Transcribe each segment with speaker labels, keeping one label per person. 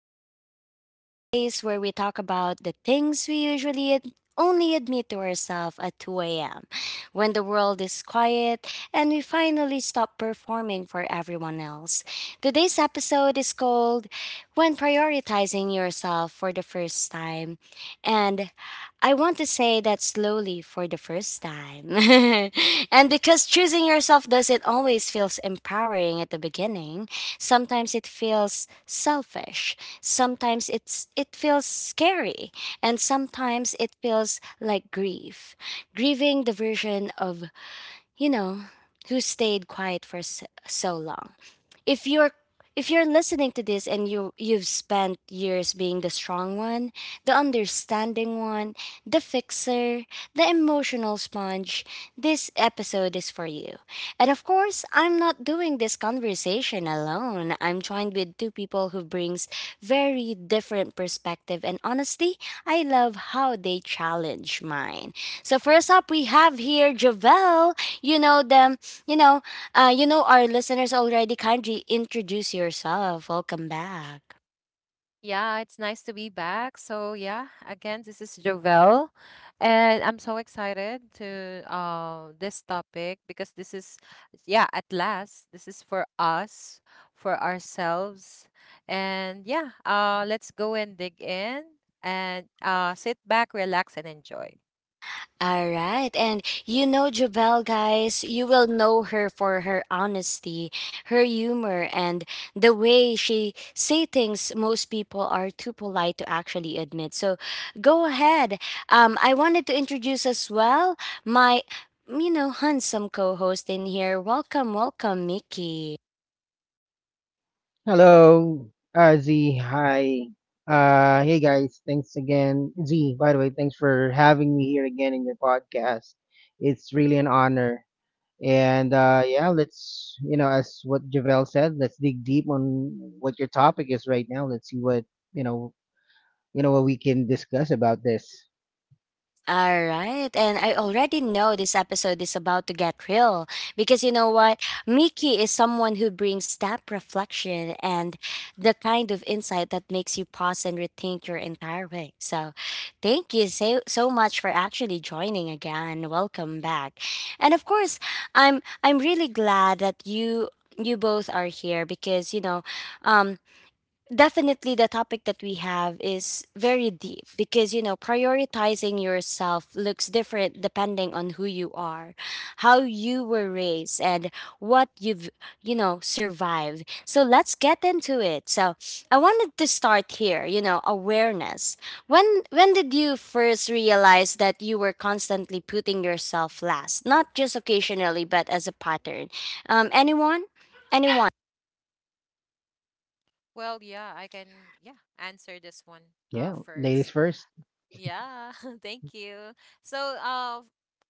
Speaker 1: Diaries, the space where we talk about the things we usually only admit to ourselves at 2 a.m., when the world is quiet and we finally stop performing for everyone else. Today's episode is called When Prioritizing Yourself for the First Time. And I want to say that slowly for the first time. And because choosing yourself doesn't always feels empowering at the beginning, sometimes it feels selfish, sometimes it feels scary, and sometimes it feels like grief. Grieving the version of, you know, who stayed quiet for so long. If you're if you're listening to this and you've spent years being the strong one, the understanding one, the fixer, the emotional sponge, this episode is for you. And of course, I'm not doing this conversation alone. I'm joined with two people who brings very different perspective, and honestly, I love how they challenge mine. So first up, we have here Javel. You know them, you know, our listeners already kindly introduce yourself. Welcome back.
Speaker 2: Yeah, it's nice to be back. So yeah, again, this is Jovel, and I'm so excited to this topic because this is yeah, at last, this is for us, for ourselves. And yeah, let's go and dig in and sit back, relax and enjoy.
Speaker 1: All right. And you know Jubel, guys, you will know her for her honesty, her humor, and the way she say things most people are too polite to actually admit. So go ahead. I wanted to introduce as well my, you know, handsome co-host in here. Welcome, welcome, Mickey.
Speaker 3: Hello, Z. Hi. Hey guys, thanks again. Z, by the way, thanks for having me here again in your podcast. It's really an honor. And yeah, as what Javel said, let's dig deep on what your topic is right now. Let's see what, you know, what we can discuss about this.
Speaker 1: All right. And I already know this episode is about to get real because you know what? Mickey is someone who brings that reflection and the kind of insight that makes you pause and rethink your entire week. So thank you so, so much for actually joining again. Welcome back. And of course, I'm really glad that you both are here because, you know, um definitely, the topic that we have is very deep because, you know, prioritizing yourself looks different depending on who you are, how you were raised, and what you've, you know, survived. So let's get into it. So I wanted to start here, you know, awareness. When did you first realize that you were constantly putting yourself last, not just occasionally, but as a pattern? Anyone? Anyone?
Speaker 2: Well, yeah, I can yeah, answer this one
Speaker 3: Yeah, ladies
Speaker 2: first.
Speaker 3: first.
Speaker 2: Yeah, thank you. So, uh,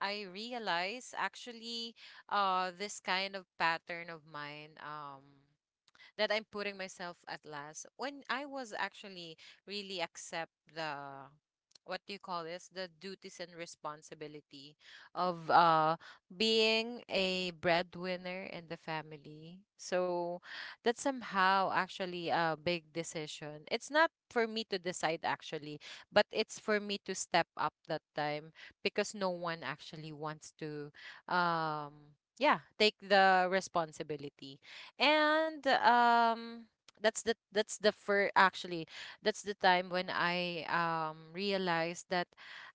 Speaker 2: I realize actually, this kind of pattern of mine, that I'm putting myself at last. When I was actually really accept the what do you call this? The duties and responsibility of being a breadwinner in the family. So that's somehow actually a big decision. It's not for me to decide actually, but it's for me to step up that time because no one actually wants to yeah, take the responsibility and that's the first actually, that's the time when I realized that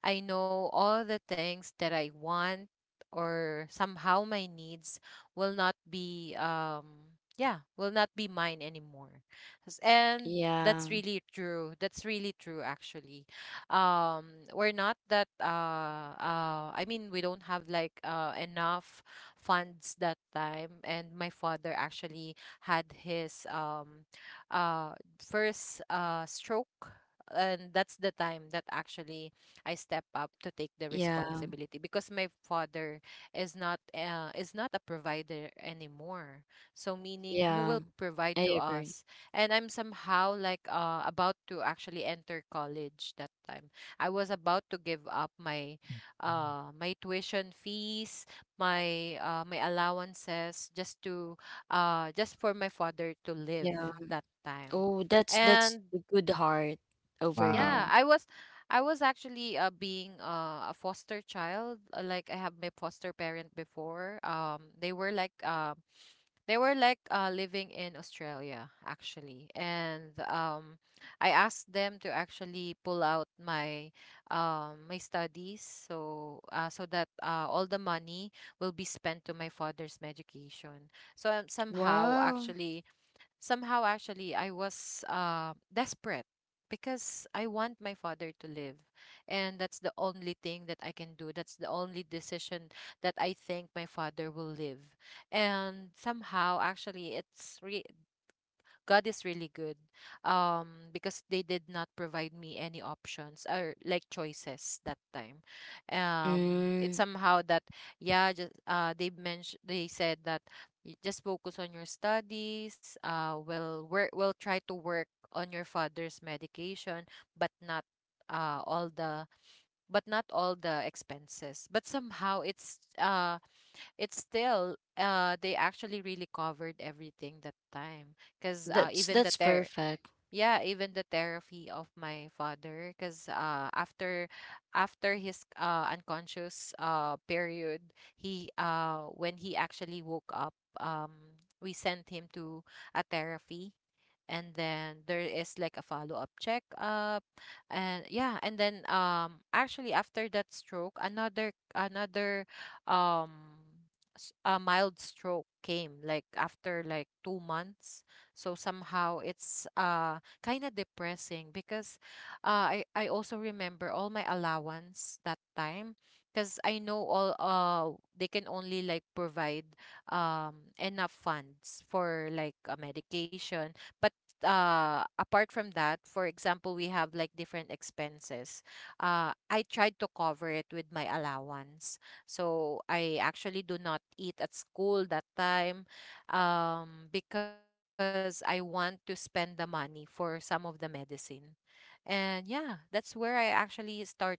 Speaker 2: I know all the things that I want or somehow my needs will not be yeah, will not be mine anymore. And that's
Speaker 1: Yeah,
Speaker 2: really true, that's really true actually. We're not that I mean, we don't have like enough funds that time, and my father actually had his uh first stroke, and that's the time that actually I step up to take the
Speaker 1: yeah,
Speaker 2: responsibility because my father is not a provider anymore, so meaning who will
Speaker 1: yeah.
Speaker 2: provide to
Speaker 1: I
Speaker 2: us.
Speaker 1: agree.
Speaker 2: And I'm somehow like about to actually enter college that time. I was about to give up my my tuition fees, my allowances just to just for my father to live
Speaker 1: Yeah.
Speaker 2: that time.
Speaker 1: Oh, that's
Speaker 2: And
Speaker 1: a good heart over
Speaker 2: yeah,
Speaker 1: there.
Speaker 2: i
Speaker 3: Wow.
Speaker 2: was i was actually being a foster child, like I have my foster parent before. They were like living in Australia actually, and I asked them to actually pull out my my studies so so that all the money will be spent to my father's medication. So
Speaker 1: Wow.
Speaker 2: somehow actually I was desperate because I want my father to live. And that's the only thing that I can do. That's the only decision that I think my father will live. And somehow actually God is really good. Because they did not provide me any options or like choices that time. It's
Speaker 1: Mm,
Speaker 2: somehow that yeah, just they mentioned, they said that, Just focus on your studies, will work, will try to work on your father's medication, but not uh all the but not all the expenses." But somehow it's still they actually really covered everything that time, because
Speaker 1: that's perfect.
Speaker 2: yeah, even the therapy of my father, because after after his unconscious period, he when he actually woke up, we sent him to a therapy, and then there is like a follow-up checkup, and yeah, and then actually after that stroke, another um, a mild stroke came like after like 2 months. So somehow it's kind of depressing because I also remember all my allowance that time because I know all they can only like provide enough funds for like a medication, but apart from that, for example, we have like different expenses. I tried to cover it with my allowance, so I actually do not eat at school that time because I want to spend the money for some of the medicine. And yeah, that's where I actually started to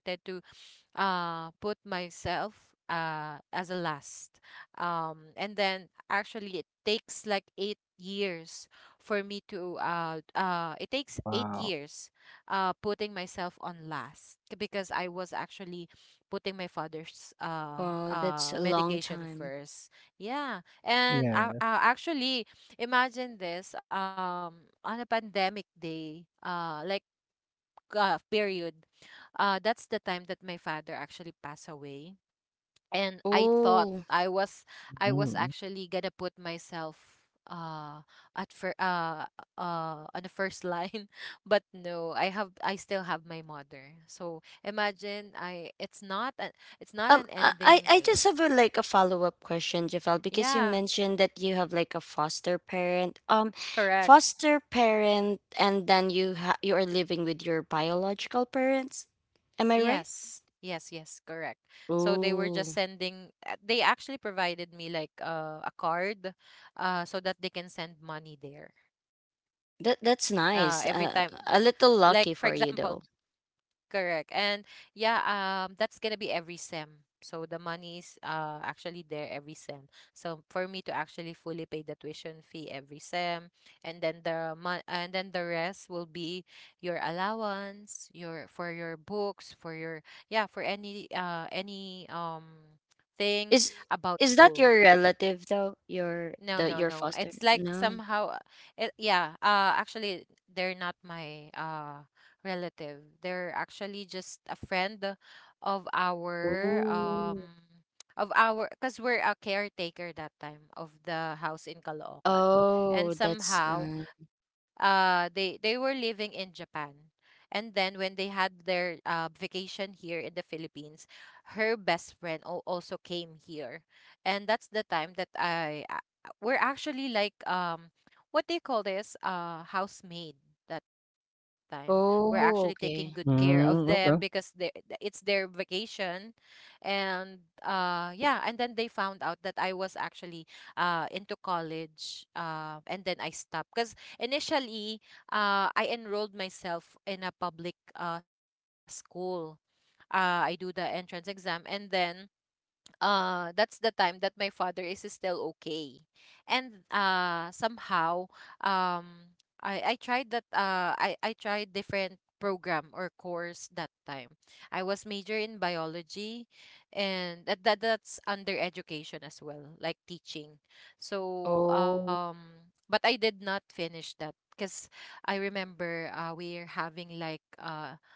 Speaker 2: put myself as a last, and then actually it takes like 8 years for me to it takes eight
Speaker 3: Wow.
Speaker 2: years putting myself on last because I was actually putting my father's
Speaker 1: Wow, that's a long
Speaker 2: medication
Speaker 1: time.
Speaker 2: first. Yeah, and
Speaker 3: Yeah.
Speaker 2: actually imagine this on a pandemic day, period, that's the time that my father actually passed away. And i thought
Speaker 1: Oh.
Speaker 2: i was i was
Speaker 3: Mm-hmm.
Speaker 2: actually gonna put myself uh at fir- uh on the first line. But no, I have I still have my mother, so imagine I it's not a, it's not an
Speaker 1: I I
Speaker 2: ending
Speaker 1: I
Speaker 2: l-
Speaker 1: just have a, like a follow-up question, Jafal, because you
Speaker 2: Yeah,
Speaker 1: mentioned that you have like a foster parent.
Speaker 2: correct.
Speaker 1: Foster parent, and then you are living with your biological parents. Am I right?
Speaker 2: Yes, correct. So they were just
Speaker 1: Oh,
Speaker 2: sending they actually provided me like a card so that they can send money there
Speaker 1: that that's
Speaker 2: every time
Speaker 1: nice.
Speaker 2: th- th- like
Speaker 1: A
Speaker 2: for
Speaker 1: little
Speaker 2: example
Speaker 1: lucky for you though.
Speaker 2: correct. And yeah, that's gonna be every sem, so the money is actually there every sem, so for me to actually fully pay the tuition fee every sem, and then the rest will be your allowance, your for your books, for your yeah, for any thing
Speaker 1: Is
Speaker 2: about
Speaker 1: is
Speaker 2: school.
Speaker 1: that your relative though? Your
Speaker 2: No, no,
Speaker 1: the your
Speaker 2: no. It's
Speaker 1: foster?
Speaker 2: like
Speaker 1: No.
Speaker 2: somehow, it, yeah. Actually, they're not my relative. They're actually just a friend of our
Speaker 1: Oh.
Speaker 2: um of our because we're a caretaker that time of the house in Caloocan, and
Speaker 1: Oh, that's
Speaker 2: somehow they were living in Japan. And then when they had their vacation here in the Philippines, her best friend also came here, and that's the time that I we're actually like what do you call this, housemaid that time. We're actually taking good
Speaker 1: oh,
Speaker 2: care
Speaker 1: okay.
Speaker 2: of them because
Speaker 3: Mm, okay.
Speaker 2: it's their vacation. And yeah, and then they found out that I was actually into college, and then I stopped because initially I enrolled myself in a public school. I do the entrance exam, and then that's the time that my father is still okay. And somehow um I tried that, I tried different program or course that time. I was major in biology, and that's under education as well, like teaching. So
Speaker 1: Oh,
Speaker 2: but I did not finish that because I remember we're having like uh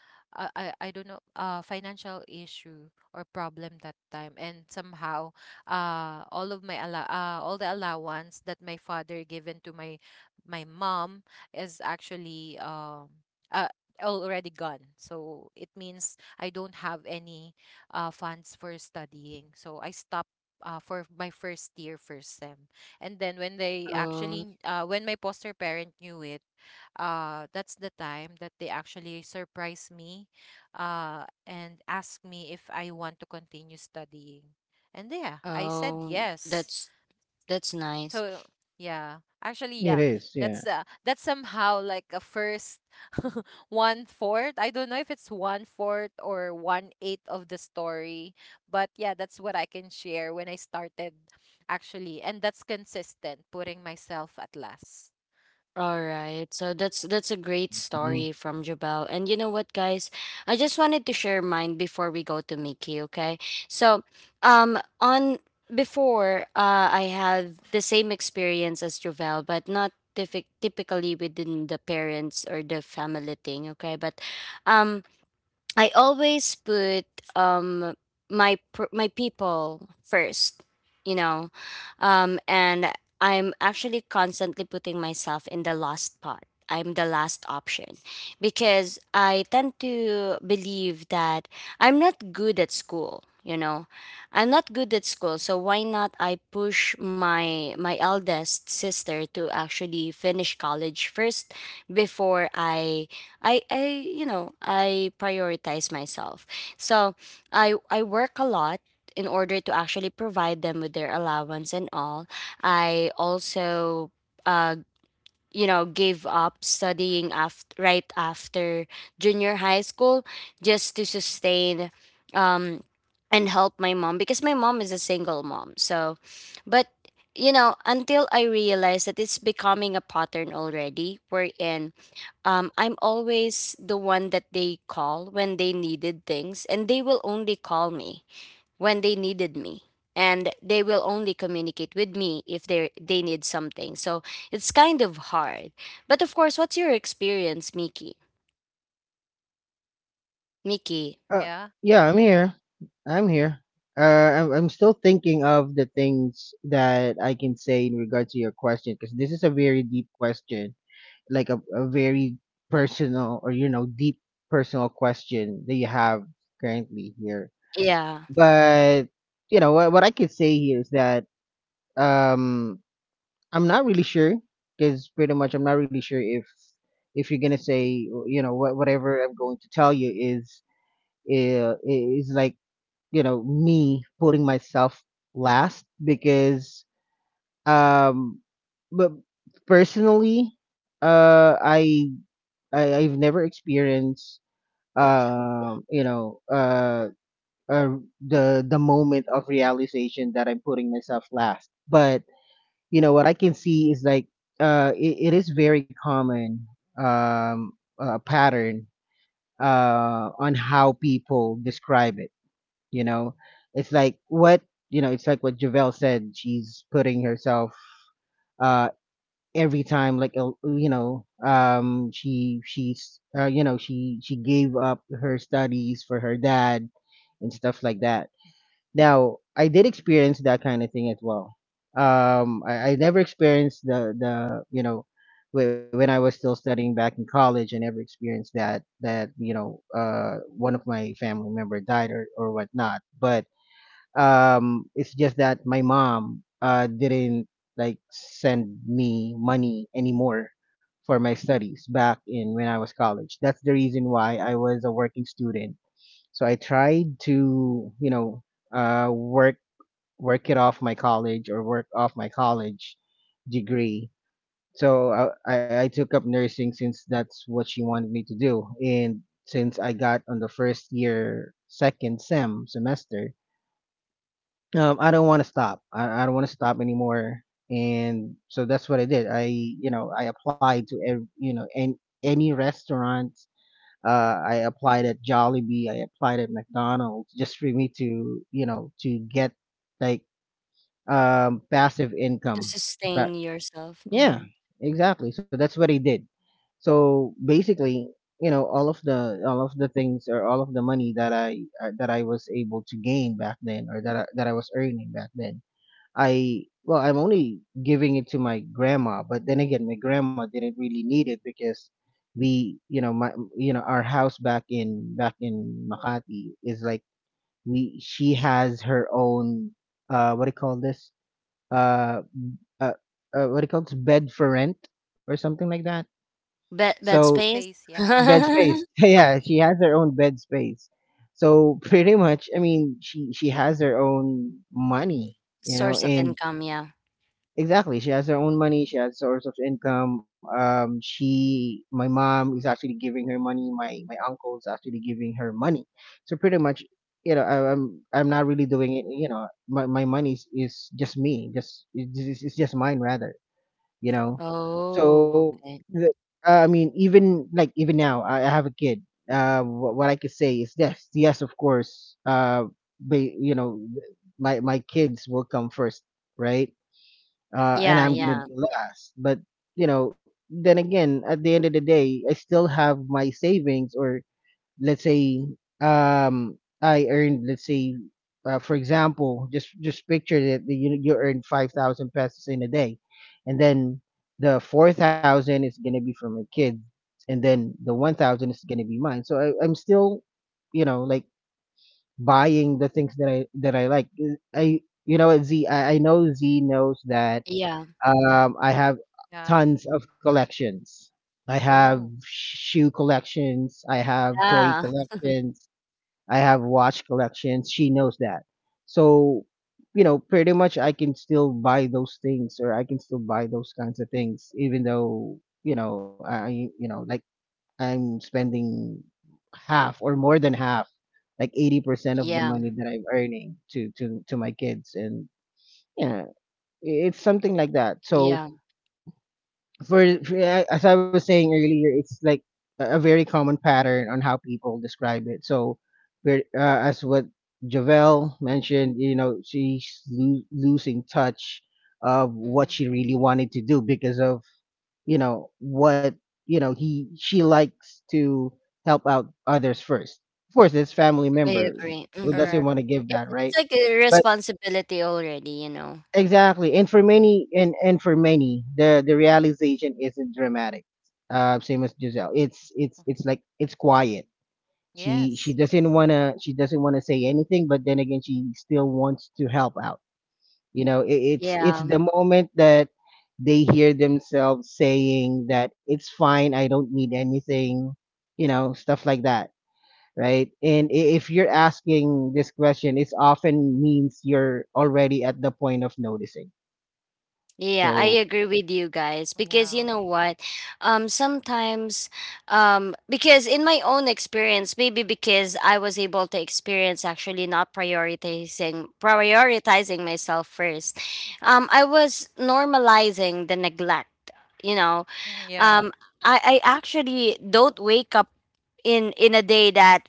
Speaker 2: I, I I don't know, financial issue or problem that time, and somehow all the allowance that my father given to my my mom is actually uh, already gone, so it means I don't have any funds for studying, so I stopped for my first year first sem. And then when they actually
Speaker 1: oh,
Speaker 2: when my foster parent knew it, that's the time that they actually surprised me uh and asked me if I want to continue studying. And yeah, I said
Speaker 1: oh,
Speaker 2: yes.
Speaker 1: that's that's nice.
Speaker 2: So yeah, actually yeah,
Speaker 3: It is. Yeah.
Speaker 2: that's somehow like a first one fourth. I don't know if it's one fourth or one eighth of the story, but yeah, that's what I can share when I started actually, and that's consistent putting myself at last.
Speaker 1: All right. So that's a great
Speaker 3: Mm-hmm.
Speaker 1: story from Jabal. And you know what, guys? I just wanted to share mine before we go to Mickey, okay? So, on before I had the same experience as Jovel, but not typically within the parents or the family thing, okay? But um I always put um my people first, you know, and I'm actually constantly putting myself in the last pot. I'm the last option because I tend to believe that I'm not good at school. You know, I'm not good at school, so why not I push my eldest sister to actually finish college first before I, you know, I prioritize myself. So I work a lot in order to actually provide them with their allowance and all. I also uh you know, gave up studying after right after junior high school just to sustain um and help my mom because my mom is a single mom. So, but, you know, until I realized that it's becoming a pattern already, we're in, I'm always the one that they call when they needed things, and they will only call me when they needed me. And they will only communicate with me if they need something. So it's kind of hard. But of course, what's your experience, Miki? Miki,
Speaker 3: Uh,
Speaker 2: Yeah,
Speaker 3: yeah, I'm here. Uh, I'm still thinking of the things that I can say in regards to your question, because this is a very deep question, like a very personal or, you know, deep personal question that you have currently here.
Speaker 1: yeah,
Speaker 3: But, you know, what I could say here is that um, I'm not really sure, because pretty much I'm not really sure if you're going to say, you know, whatever I'm going to tell you is, is like, you know, me putting myself last, because um but personally uh I, I've never experienced um you know uh, uh the moment of realization that I'm putting myself last. But you know what I can see is like it is very common um pattern on how people describe it. You know, it's like what— you know, it's like what Javel said, she's putting herself uh every time. Like you know, she's you know, she gave up her studies for her dad and stuff like that. Now, I did experience that kind of thing as well. I never experienced the, you know, when I was still studying back in college, I never experienced that, you know, one of my family member died or whatnot. But it's just that my mom didn't like send me money anymore for my studies back in when I was college. That's the reason why I was a working student. So I tried to, you know, work— work it off my college, or work off my college degree. So I took up nursing, since that's what she wanted me to do. And since I got on the first year second semester, I don't want to stop. I don't want to stop anymore. And so that's what I did. I, you know, I applied to, you know, an any restaurant. I applied at Jollibee. I applied at McDonald's just for me to, you know, to get like passive
Speaker 1: to
Speaker 3: income. But
Speaker 1: sustain yourself.
Speaker 3: yeah,
Speaker 1: Mm-hmm.
Speaker 3: exactly. So that's what I did. So basically, you know, all of the— all of the things, or all of the money that I was able to gain back then, or that that I was earning back then, I— well, I'm only giving it to my grandma. But then again, my grandma didn't really need it, because we, you know, my— you know, our house back in Makati is like, we— she has her own what do you call this? Uh uh, what do you call this? Bed for rent or something like that.
Speaker 1: Bed bed
Speaker 3: So
Speaker 2: space.
Speaker 1: space,
Speaker 2: Yeah,
Speaker 3: bed space. Yeah, she has her own bed space. So pretty much, I mean, she— she has her own money, you know.
Speaker 1: source of
Speaker 3: And
Speaker 1: income. Yeah.
Speaker 3: exactly, she has her own money. She has source of income. She— my mom is actually giving her money. My uncle is actually giving her money. So pretty much, you know, I'm— I'm not really doing it. You know, my money is— is just me. Just it's— it's just mine rather. You know,
Speaker 1: Oh,
Speaker 3: so
Speaker 1: okay.
Speaker 3: the, I mean, even like even now, I have a kid. What I could say is this. Yes, of course. But you know, my kids will come first, right? Uh, and
Speaker 1: Yeah,
Speaker 3: I'm gonna
Speaker 1: yeah,
Speaker 3: be last. But you know, then again, at the end of the day, I still have my savings, or let's say, um, I earned, let's say, for example, just— just picture that you— you earned 5,000 pesos in a day, and then the 4,000 is gonna be for my kid, and then the 1,000 is gonna be mine. So I'm still, you know, like buying the things that I like. I— you know, Z, I know Z knows that
Speaker 1: yeah,
Speaker 3: I have
Speaker 2: yeah.
Speaker 3: tons of collections. I have
Speaker 2: Oh,
Speaker 3: shoe collections. I have toy
Speaker 1: yeah,
Speaker 3: collections. I have watch collections. She knows that. So, you know, pretty much I can still buy those things, or I can still buy those kinds of things, even though, you know, I— you know, like I'm spending half or more than half, like 80% of the
Speaker 1: yeah,
Speaker 3: money that I'm earning to— to my kids. And yeah, it's something like that. So,
Speaker 1: yeah.
Speaker 3: for yeah, as I was saying earlier, it's like a very common pattern on how people describe it. So, as what Javel mentioned, you know, she's losing touch of what she
Speaker 2: mm-hmm.
Speaker 3: really wanted to do because of, you know, what— you know, he she likes to help out others first. Of course, it's family
Speaker 1: I
Speaker 3: member,
Speaker 1: agree.
Speaker 3: who
Speaker 1: Hmm.
Speaker 3: doesn't
Speaker 2: Correct.
Speaker 3: want to give that, right?
Speaker 1: It's like a responsibility already, you know.
Speaker 3: Exactly. And for many, and for many, the realization isn't dramatic. Uh, same as Giselle. It's— it's like it's quiet. She—
Speaker 2: Yes.
Speaker 3: she doesn't wanna say anything, but then again she still wants to help out. You know, it's— it's
Speaker 1: Yeah.
Speaker 3: the moment that they hear themselves saying that it's fine, I don't need anything, you know, stuff like that. Right. And if you're asking this question, it's often means you're already at the point of noticing.
Speaker 1: Yeah, I
Speaker 3: So
Speaker 1: agree with you guys because
Speaker 2: Yeah.
Speaker 1: you know what? Sometimes, because in my own experience, maybe because I was able to experience actually not prioritizing myself first. I was normalizing the neglect, you know.
Speaker 2: Mhm. Yeah.
Speaker 1: Um I actually don't wake up in a day that,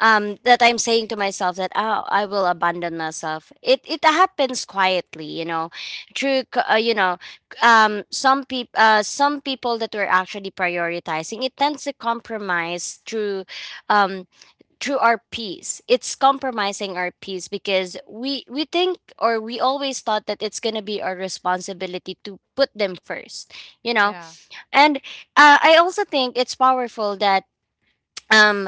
Speaker 1: that I'm saying to myself that, oh, I will abandon myself. It happens quietly, you know, through you know, some people, some people that we're actually prioritizing, it tends to compromise through um through our peace. It's compromising our peace because we think, or we always thought, that it's going to be our responsibility to put them first, you know.
Speaker 2: Yeah,
Speaker 1: And I also think it's powerful that um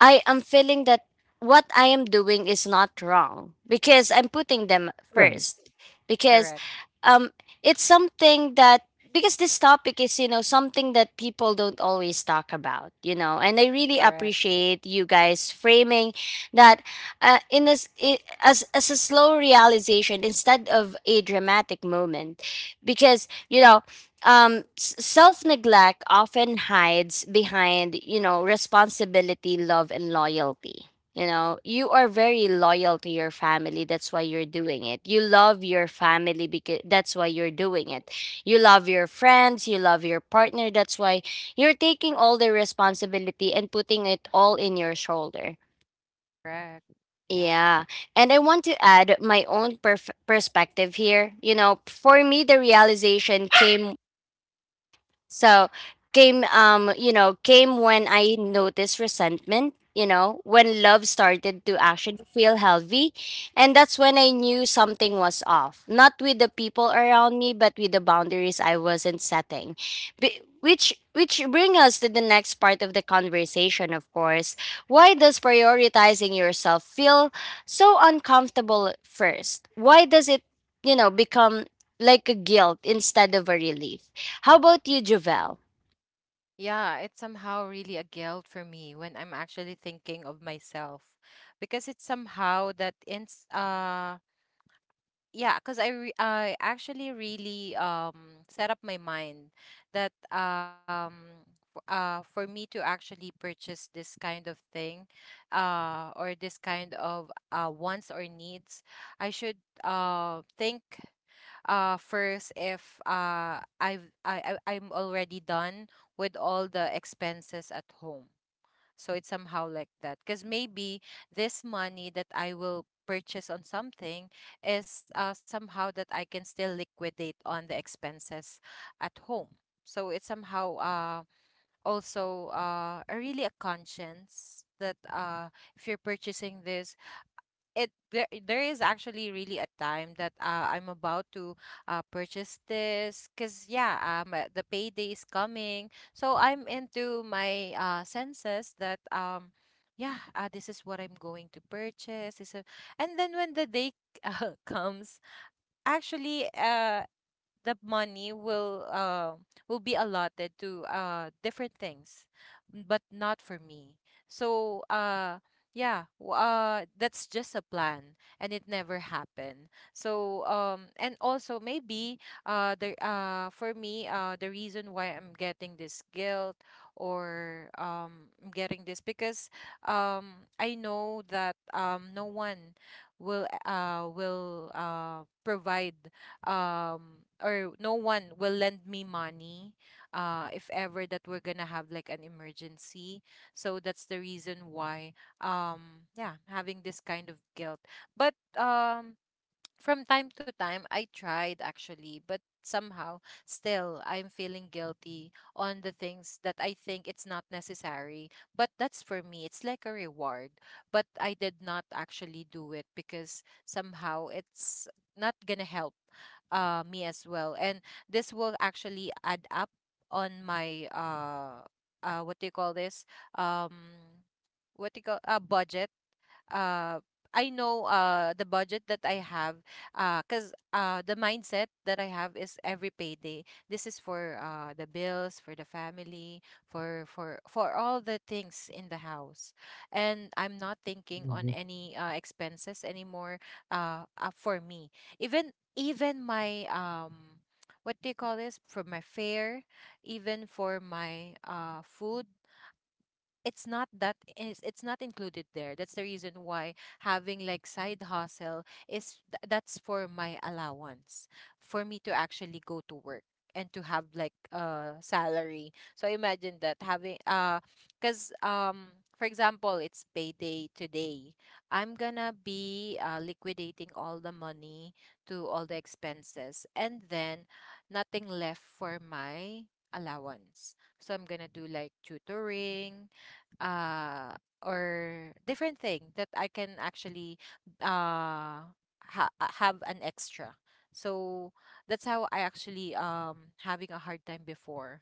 Speaker 1: I am feeling that what I am doing is not wrong because I'm putting them
Speaker 3: right.
Speaker 1: first, because
Speaker 2: correct,
Speaker 1: um it's something that, because this topic is, you know, something that people don't always talk about, you know. And I really
Speaker 2: correct,
Speaker 1: appreciate you guys framing that as as a slow realization instead of a dramatic moment, because, you know, self neglect often hides behind, you know, responsibility, love, and loyalty. You know, you are very loyal to your family, that's why you're doing it. You love your family, because that's why you're doing it. You love your friends, you love your partner, that's why you're taking all the responsibility and putting it all in your shoulder.
Speaker 2: correct. Yeah.
Speaker 1: Yeah. And I want to add my own perspective here. You know, for me, the realization came so came when I noticed resentment, you know, when love started to actually feel healthy, and that's when I knew something was off. Not with the people around me, but with the boundaries I wasn't setting. Which bring us to the next part of the conversation. Of course, why does prioritizing yourself feel so uncomfortable at first? Why does it, you know, become like a guilt instead of a relief? How about you, Javel?
Speaker 2: Yeah, it's somehow really a guilt for me when I'm actually thinking of myself, because it's somehow that in uh yeah, because I actually really set up my mind that for me to actually purchase this kind of thing, or this kind of wants or needs, I should think first if I've I I'm already done with all the expenses at home. So it's somehow like that. Because maybe this money that I will purchase on something is somehow that I can still liquidate on the expenses at home. So it's somehow also a really a conscience that if you're purchasing this, it there there is actually really a time that I'm about to purchase this because yeah, the payday is coming, so I'm into my senses that yeah, this is what I'm going to purchase. And then when the day comes, actually the money will be allotted to different things, but not for me. So yeah, that's just a plan, and it never happened. So and also maybe the for me the reason why I'm getting this guilt, or I'm getting this because I know that no one will provide or no one will lend me money if ever that we're gonna have like an emergency, so that's the reason why yeah, having this kind of guilt. But from time to time I tried actually, but somehow still I'm feeling guilty on the things that I think it's not necessary. But that's for me, it's like a reward. But I did not actually do it because somehow it's not gonna help me as well. And this will actually add up on my what do you call this? Um what do you call a budget? uh I know the budget that I have. Cuz the mindset that I have is every payday this is for the bills for the family, for all the things in the house, and I'm not thinking on
Speaker 3: Mhm,
Speaker 2: any expenses anymore, for me. Even my what do you call this, for my fare, even for my food, it's not that is it's not included there. That's the reason why having like side hustle is that's for my allowance, for me to actually go to work and to have like a salary. So imagine that, having because for example it's payday today, I'm gonna be liquidating all the money to all the expenses, and then nothing left for my allowance. So I'm gonna do like tutoring, uh or different thing that I can actually uh have an extra. So that's how I actually having a hard time before.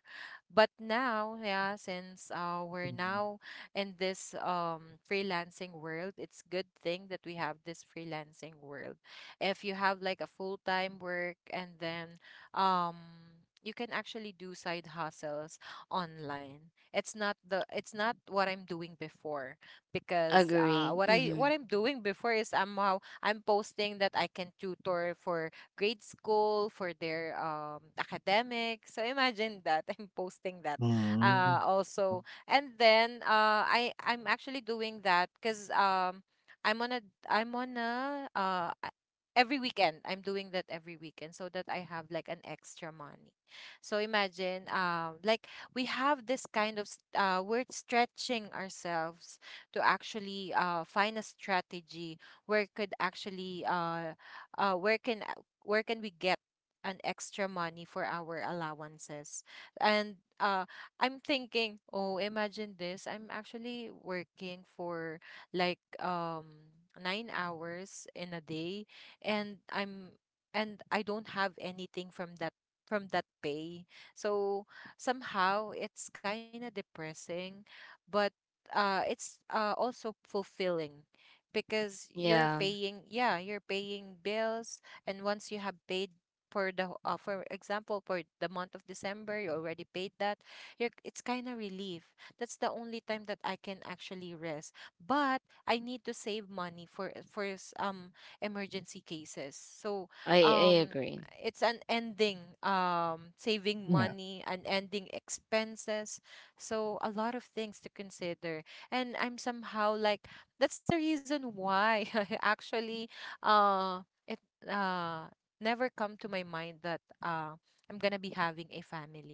Speaker 2: But now, yeah, since we're
Speaker 3: mhm.
Speaker 2: now in this freelancing world, it's good thing that we have this freelancing world. If you have like a full-time work, and then um you can actually do side hustles online. It's not the it's not what I'm doing before, because
Speaker 1: Agree. Mm-hmm.
Speaker 2: what I'm doing before is I'm posting that I can tutor for grade school for their academic. So imagine that, I'm posting that
Speaker 3: Mm. Oh,
Speaker 2: also. And then I'm actually doing that because I'm on a, i'm on a uh a- every weekend I'm doing that, every weekend, so that I have like an extra money. So imagine, like, we have this kind of we're stretching ourselves to actually find a strategy where could actually uh, where can uh, where can we get an extra money for our allowances. And I'm thinking, oh, imagine this. I'm actually working for like 9 hours in a day, and I don't have anything from that, from that pay. So somehow it's kind of depressing, but it's also fulfilling, because you're
Speaker 1: Yeah,
Speaker 2: paying, yeah, you're paying bills, and once you have paid for the for example for the month of December, you already paid that. You're, it's kind of relief. That's the only time that I can actually rest. But I need to save money for emergency cases. So
Speaker 1: I
Speaker 2: um
Speaker 1: agree.
Speaker 2: it's an ending saving
Speaker 3: yeah.
Speaker 2: money and ending expenses. So a lot of things to consider, and I'm somehow like, that's the reason why I actually uh it uh never come to my mind that I'm gonna be having a family.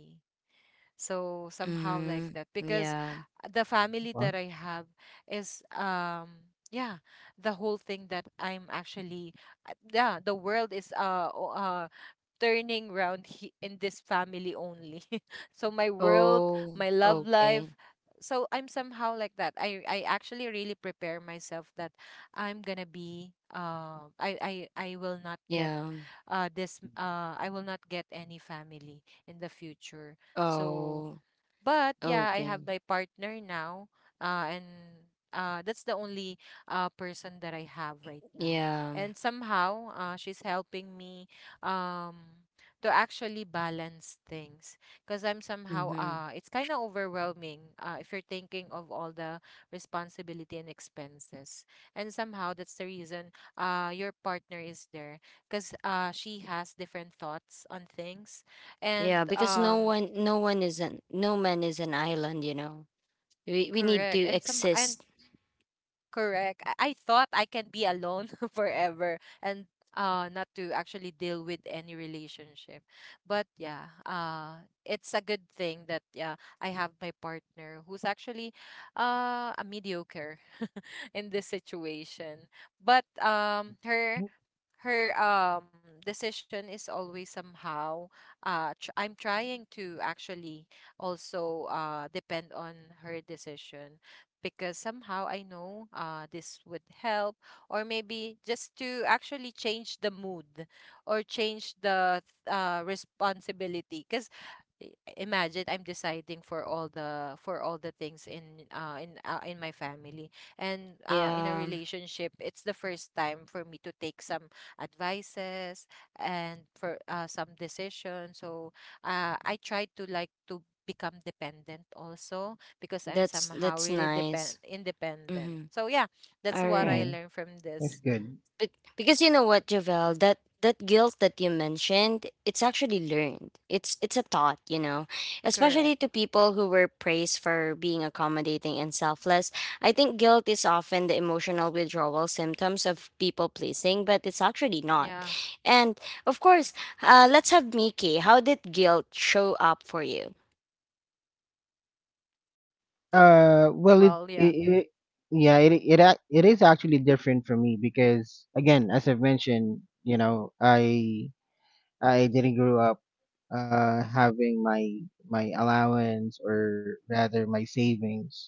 Speaker 2: So somehow like that,
Speaker 1: Mm-hmm.
Speaker 2: because
Speaker 1: Yeah.
Speaker 2: the family that I
Speaker 3: Well,
Speaker 2: have is yeah, the whole thing that I'm actually yeah, the world is turning round in this family only. So my world, my
Speaker 1: Oh,
Speaker 2: love life.
Speaker 1: okay.
Speaker 2: So I'm somehow like that. I actually really prepare myself that I'm gonna be I will not get
Speaker 1: Yeah.
Speaker 2: this I will not get any family in the future. So
Speaker 1: Oh,
Speaker 2: but yeah, I have my
Speaker 1: okay.
Speaker 2: partner now, and that's the only person that I have right now.
Speaker 1: Yeah.
Speaker 2: And somehow, she's helping me, um, to actually balance things, because I'm somehow
Speaker 1: Mm-hmm.
Speaker 2: it's kind of overwhelming, if you're thinking of all the responsibility and expenses. And somehow that's the reason your partner is there, because she has different thoughts on things and
Speaker 1: Yeah, because no one, no one is an, no man is an island. You know,
Speaker 2: correct. And
Speaker 1: we
Speaker 2: some
Speaker 1: need to
Speaker 2: and
Speaker 1: exist.
Speaker 2: correct. I thought I can be alone forever, and not to actually deal with any relationship. But yeah, it's a good thing that, yeah, I have my partner who's actually a mediocre in this situation. But her her decision is always somehow I'm trying to actually also depend on her decision, because somehow I know this would help, or maybe just to actually change the mood, or change the responsibility, because imagine I'm deciding for all the things in in my family. And in a
Speaker 1: Yeah,
Speaker 2: relationship it's the first time for me to take some advices, and for some decisions. So I try to like to become dependent also, because I'm somehow
Speaker 1: that's
Speaker 2: really depend
Speaker 1: nice.
Speaker 2: independent.
Speaker 1: Mm-hmm.
Speaker 2: So yeah, that's
Speaker 1: All
Speaker 2: what I
Speaker 1: right.
Speaker 3: yeah,
Speaker 2: learned from this.
Speaker 3: that's good.
Speaker 1: But because you know what, Javel, that that guilt that you mentioned, it's actually learned. It's a thought, you know,
Speaker 2: Correct.
Speaker 1: especially to people who were praised for being accommodating and selfless. I think guilt is often the emotional withdrawal symptoms of people pleasing, but it's actually not.
Speaker 2: yeah
Speaker 1: And of course, let's have Miki. How did guilt show up for you?
Speaker 3: Well,
Speaker 2: well
Speaker 3: it,
Speaker 2: yeah
Speaker 3: it, it yeah, it is actually different for me because, again, as I've mentioned, you know, I— I didn't grow up, having my— my allowance, or rather my savings,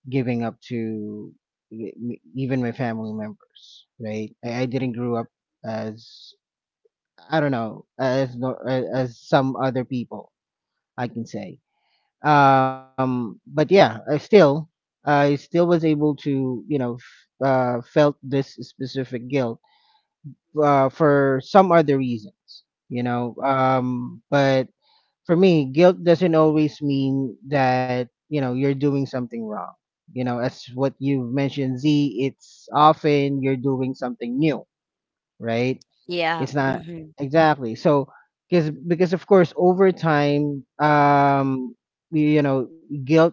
Speaker 3: giving up to even my family members, right? I— I didn't grow up as— I don't know, as as some other people, I can say. But yeah, I still was able to, you know, felt this specific guilt, for some other reasons, you know. But for me, guilt doesn't always mean that you know you're doing something wrong. You know, as what you mentioned, Z, it's often you're doing something new, right?
Speaker 1: Yeah.
Speaker 3: It's not
Speaker 1: Mm-hmm.
Speaker 3: exactly so, because of course, over time, you know, guilt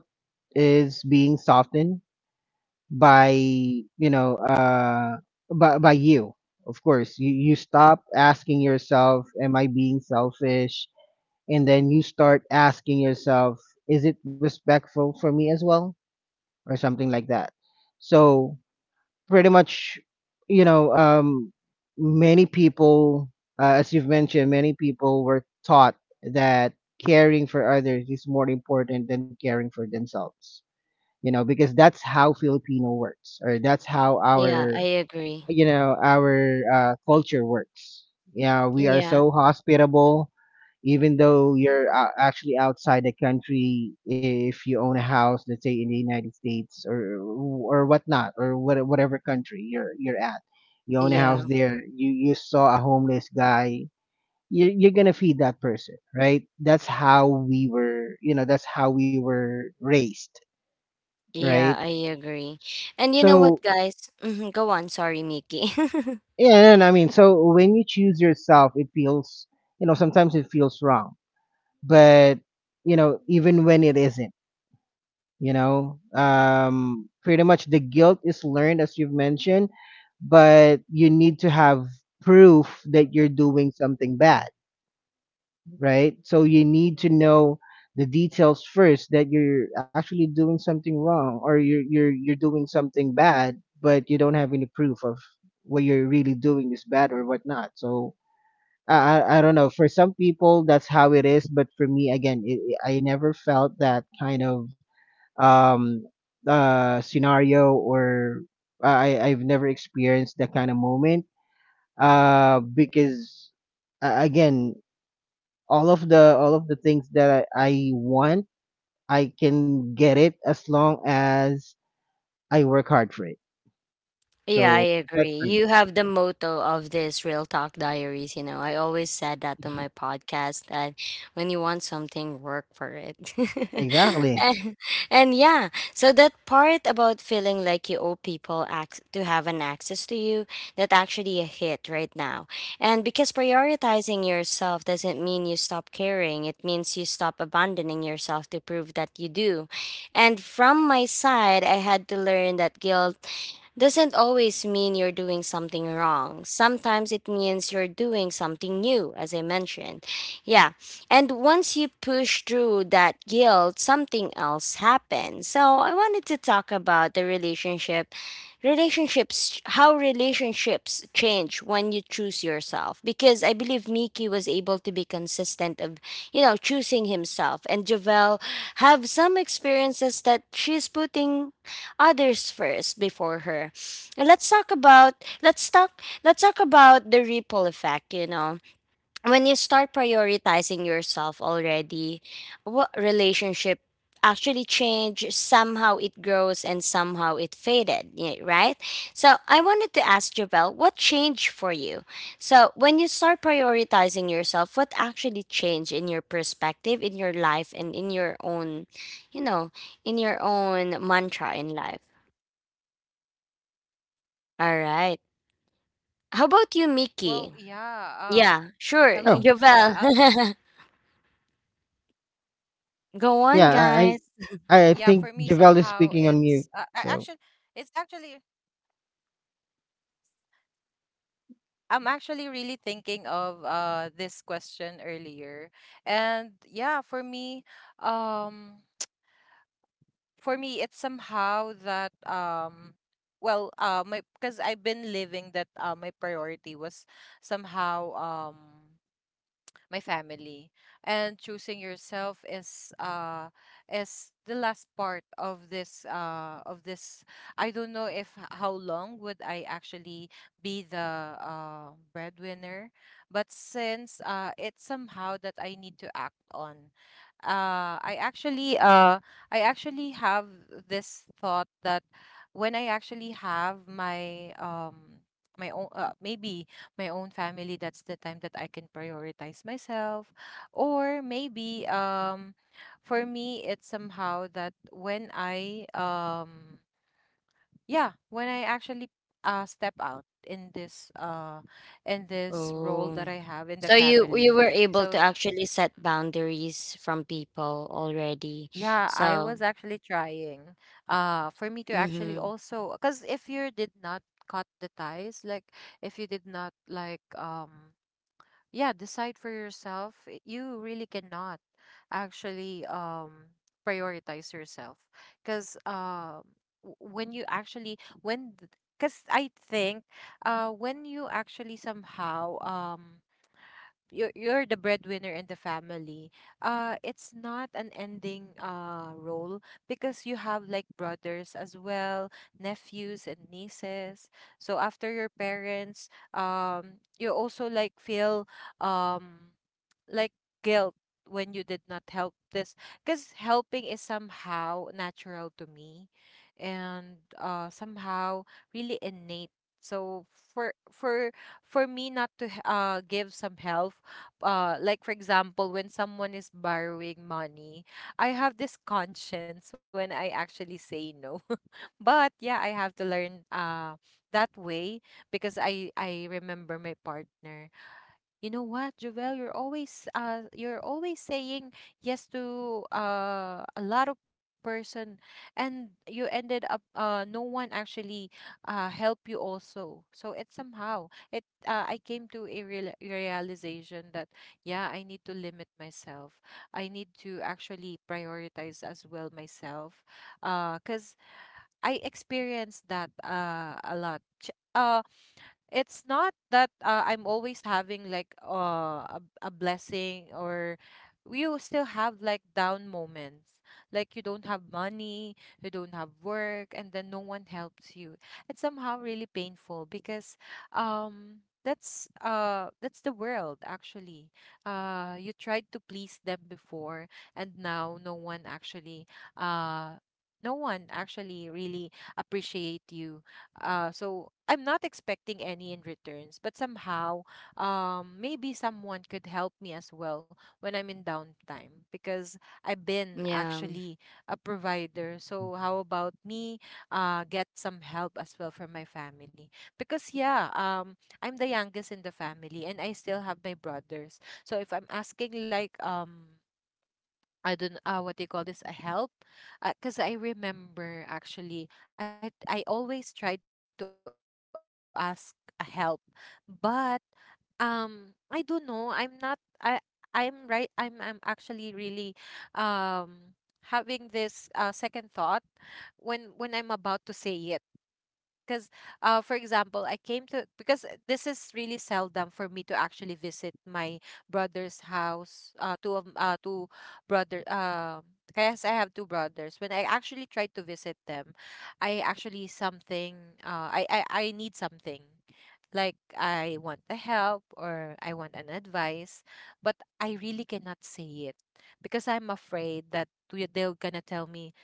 Speaker 3: is being softened by, you know, by— by you. Of course, you— you stop asking yourself, "Am I being selfish?" And then you start asking yourself, "Is it respectful for me as well?" or something like that. So pretty much, you know, many people, as you've mentioned, many people were taught that caring for others is more important than caring for themselves, you know, because that's how Filipino works, or that's how
Speaker 1: Yeah, I
Speaker 3: our,
Speaker 1: agree.
Speaker 3: you know, our culture works. Yeah, we are
Speaker 1: Yeah.
Speaker 3: so hospitable, even though you're actually outside the country. If you own a house, let's say in the United States, or whatnot, or whatever country you're— you're at, you own a house
Speaker 1: Yeah.
Speaker 3: there. You— you saw a homeless guy. You— you're gonna feed that person, right? That's how we were, you know, that's how we were raised,
Speaker 1: Yeah,
Speaker 3: right?
Speaker 1: I agree. And you know
Speaker 3: So
Speaker 1: what, guys? Mhm, go on. Sorry, Mickey.
Speaker 3: yeah. And I mean, so when you choose yourself, it feels, you know, sometimes it feels wrong. But you know, even when it isn't, you know, pretty much the guilt is learned, as you've mentioned. But you need to have proof that you're doing something bad, right? So you need to know the details first, that you're actually doing something wrong, or you're— you're doing something bad. But you don't have any proof of what you're really doing is bad or whatnot. So I don't know. For some people, that's how it is. But for me, again, I never felt that kind of um scenario, or I've never experienced that kind of moment. Because again, all of the— all of the things that I want, I can get it as long as I work hard for it.
Speaker 1: Yeah,
Speaker 3: So
Speaker 1: I agree.
Speaker 3: that's
Speaker 1: You
Speaker 3: fine.
Speaker 1: have the motto of this Real Talk Diaries. You know, I always said that to my podcast that when you want something, work for it.
Speaker 3: Exactly.
Speaker 1: and, and yeah, so that part about feeling like you owe people to have an access to you, that actually a hit right now. And because prioritizing yourself doesn't mean you stop caring, it means you stop abandoning yourself to prove that you do. And from my side, I had to learn that guilt doesn't always mean you're doing something wrong. Sometimes it means you're doing something new, as I mentioned. Yeah. And once you push through that guilt, something else happens. So I wanted to talk about the relationship relationships, how relationships change when you choose yourself, because I believe Miki was able to be consistent of, you know, choosing himself, and Javel have some experiences that she's putting others first before her. And let's talk about, let's talk about the ripple effect, you know. When you start prioritizing yourself already, what relationship actually change, somehow it grows and somehow it faded, right? So I wanted to ask Javel, what changed for you? So when you start prioritizing yourself, what actually changed in your perspective, in your life, and in your own, you know, in your own mantra in life? All right.
Speaker 2: well yeah
Speaker 1: How
Speaker 2: uh
Speaker 1: about you, Mickey?
Speaker 2: Hello.
Speaker 1: Yeah, sure.
Speaker 3: Oh
Speaker 1: Jovel. Go
Speaker 2: Yeah, for
Speaker 1: on,
Speaker 3: yeah,
Speaker 2: me
Speaker 1: guys.
Speaker 2: somehow
Speaker 3: I
Speaker 2: it's
Speaker 3: think
Speaker 2: I actually,
Speaker 3: Javel is speaking
Speaker 2: it's
Speaker 3: on mute.
Speaker 2: actually
Speaker 3: So.
Speaker 2: I'm actually really thinking of this question earlier. And yeah, for me, um it's somehow that well, my because I've been living that my priority was somehow my family. And choosing yourself is the last part of this I don't know if how long would I actually be the breadwinner. But since it's somehow that I need to act on, uh I actually uh I actually have this thought that when I actually have my my own, maybe my own family, that's the time that I can prioritize myself. Or maybe for me it's somehow that when I yeah, when I actually step out in this role that I
Speaker 1: Oh.
Speaker 2: have in the
Speaker 1: So you
Speaker 2: family.
Speaker 1: you were able to
Speaker 2: So
Speaker 1: actually set boundaries from people already.
Speaker 2: yeah, I
Speaker 1: So,
Speaker 2: was actually trying for me to actually
Speaker 1: mm-hmm.
Speaker 2: also, because if you did not cut the ties, like if you did not like yeah, decide for yourself, you really cannot actually prioritize yourself, because w- when you actually when because I think when you actually somehow you're the breadwinner in the family, it's not an ending role, because you have like brothers as well, nephews and nieces. So after your parents, you also like feel um like guilt when you did not help this, because helping is somehow natural to me, and somehow really innate. So for for for me not to give some help, like for example when someone is borrowing money, I have this conscience when I actually say no. But yeah, I have to learn that way, because I remember my partner, "You know what, Jovel, you're always saying yes to a lot of person, and you ended up no one actually help you also." So it's somehow it, I came to a real realization that, yeah, I need to limit myself. I need to actually prioritize as well myself. Cuz I experienced that a lot. It's not that I'm always having like a blessing, or you still have like down moments. Like you don't have money, you don't have work, and then no one helps you. It's somehow really painful, because that's the world actually. You tried to please them before, and now no one actually uh really appreciate you. So I'm not expecting any in returns, but somehow, maybe someone could help me as well when I'm in downtime, because I've been
Speaker 1: Yeah.
Speaker 2: actually a provider. So how about me, get some help as well from my family? Because, yeah, I'm the youngest in the family, and I still have my brothers. So if I'm asking like I don't what they call this, a help. Because I remember, actually, I always tried to ask a help, but I don't know, I'm not I I'm right, I'm actually really um having this second thought when I'm about to say it, because for example, I came to, because this is really seldom for me to actually visit my brother's house. Two brother, yes, I have two brothers. When I actually tried to visit them, I actually something, I need something, like I want the help or I want an advice, but I really cannot say it, because I'm afraid that they're gonna tell me,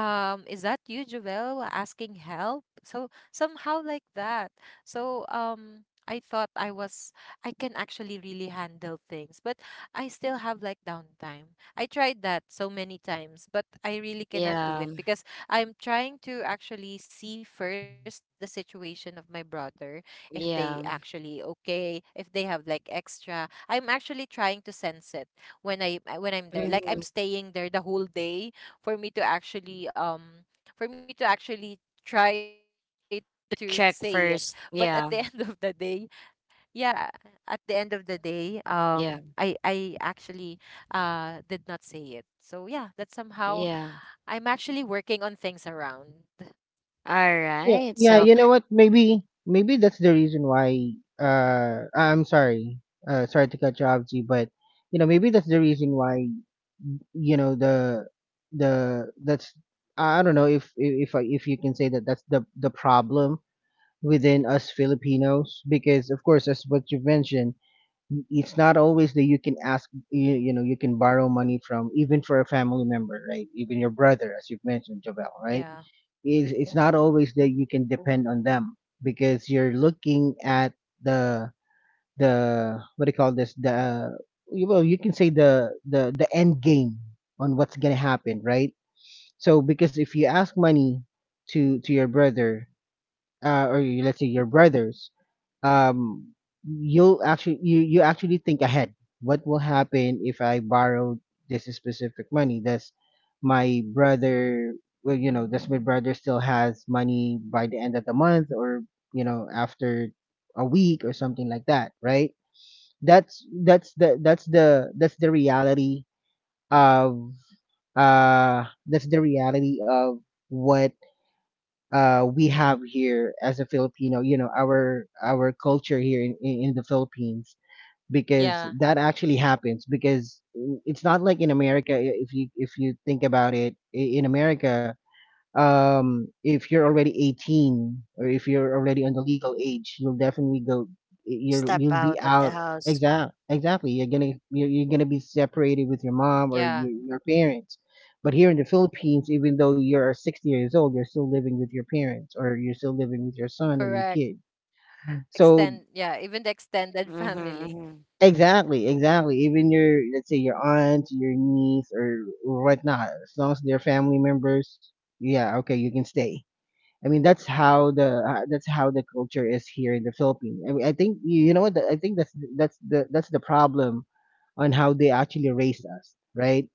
Speaker 2: "Is that you, Jovel, asking help?" So somehow like that. So I thought I was, I can actually really handle things, but I still have like downtime. I tried that so many times, but I really cannot
Speaker 1: Yeah.
Speaker 2: do it, because I'm trying to actually see first the situation of my brother, if they
Speaker 1: Yeah.
Speaker 2: actually okay, if they have like extra. I'm actually trying to sense it when I'm there, like I'm
Speaker 1: Mm-hmm.
Speaker 2: staying there the whole day for me to actually for me to actually try to say it. But
Speaker 1: To
Speaker 2: at the end
Speaker 1: check
Speaker 2: of the
Speaker 1: first.
Speaker 2: day,
Speaker 1: Yeah.
Speaker 2: yeah, at the end of the day, I
Speaker 1: Yeah.
Speaker 2: actually did not say it. So yeah, that's somehow I'm
Speaker 1: Yeah.
Speaker 2: actually working on things around.
Speaker 1: All
Speaker 3: Yeah,
Speaker 1: right.
Speaker 3: yeah,
Speaker 1: So
Speaker 3: you know what? Maybe that's the reason why I'm sorry. Sorry to cut you off, G, but you know, maybe that's the reason why, you know, the that's I don't know if you can say that that's the problem within us Filipinos because of course, as what you mentioned, it's not always that you can ask you can borrow money from, even for a family member, right? Even your brother, as you've mentioned, Javel, right?
Speaker 2: yeah
Speaker 3: It's not always that you can depend on them because you're looking at the the what do you call this, the you can say the end game on what's gonna happen, right? So because if you ask money to your brother, or let's say your brothers, um, you'll actually you actually think ahead. What will happen if I borrow this specific money? Does my brother, well, you know, does my brother still has money by the end of the month, or, you know, after a week or something like that, right? That's the reality of uh that's the reality of what we have here as a Filipino. You know, our culture here in the Philippines,
Speaker 2: yeah
Speaker 3: because that actually happens. Because it's not like in America. If you if you think about it, in America, if you're already 18, or if you're already on the legal age, you'll definitely go,
Speaker 1: step
Speaker 3: you'll be
Speaker 1: out of the
Speaker 3: out.
Speaker 1: house.
Speaker 3: Exactly, you're gonna you're gonna be separated with your
Speaker 2: yeah.
Speaker 3: mom or your parents. But here in the Philippines, even though you're 60 years old, you're still living with your parents, or you're still living with your son or
Speaker 2: Correct.
Speaker 3: your kid.
Speaker 2: Extend,
Speaker 3: So
Speaker 2: yeah, even the extended
Speaker 1: Mm-hmm.
Speaker 2: family.
Speaker 1: Mm-hmm.
Speaker 3: exactly, exactly, even your, let's say your aunt, your niece, or whatnot, as long as they're family members, yeah, okay, you can stay. I mean, that's how the culture is here in the Philippines. I mean, I think you, you know what? I think that's the problem on how they actually raise us, right?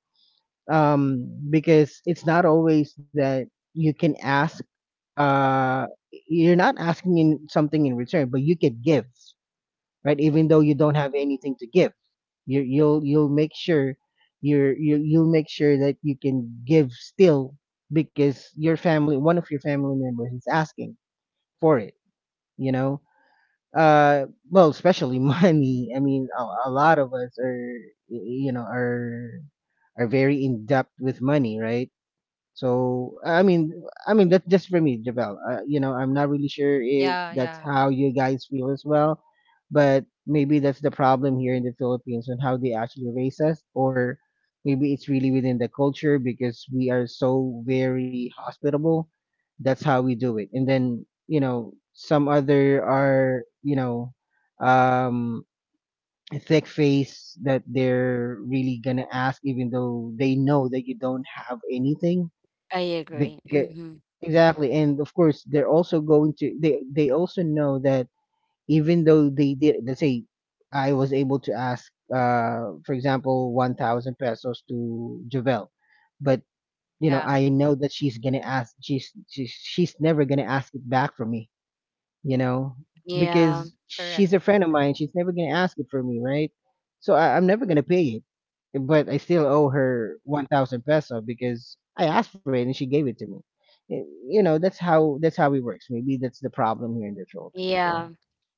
Speaker 3: Because it's not always that you can ask. Uh, you're not asking in something in return, but you can give, right? Even though you don't have anything to give, you'll make sure you'll make sure that you can give still, because your family, one of your family members, is asking for it, you know. Well, especially money. I mean, a lot of us are, you know, are very in depth with money, right? So I mean, I mean, that's just for me, Javel. You know, I'm not really sure if
Speaker 2: Yeah,
Speaker 3: that's
Speaker 2: yeah,
Speaker 3: how you guys feel as well, but maybe that's the problem here in the Philippines on how they actually raise us, or maybe it's really within the culture because we are so very hospitable. That's how we do it. And then, you know, some other are, you know, um thick face, that they're really gonna ask even though they know that you don't have anything,
Speaker 1: I agree.
Speaker 3: because
Speaker 1: Mm-hmm.
Speaker 3: exactly. And of course they're also going to, they also know that even though they did, let's say, I was able to ask, for example, 1,000 pesos to Javel, but you know,
Speaker 2: yeah.
Speaker 3: I know that she's never gonna ask it back from me, you know,
Speaker 1: Yeah.
Speaker 2: Correct.
Speaker 3: because she's a friend of mine. She's never gonna ask it for me, right? So I, I'm never gonna pay it, but I still owe her 1,000 peso because I asked for it and she gave it to me. Y- You know, that's how it works. Maybe that's the problem here in the Philippines. Yeah,
Speaker 1: Yeah.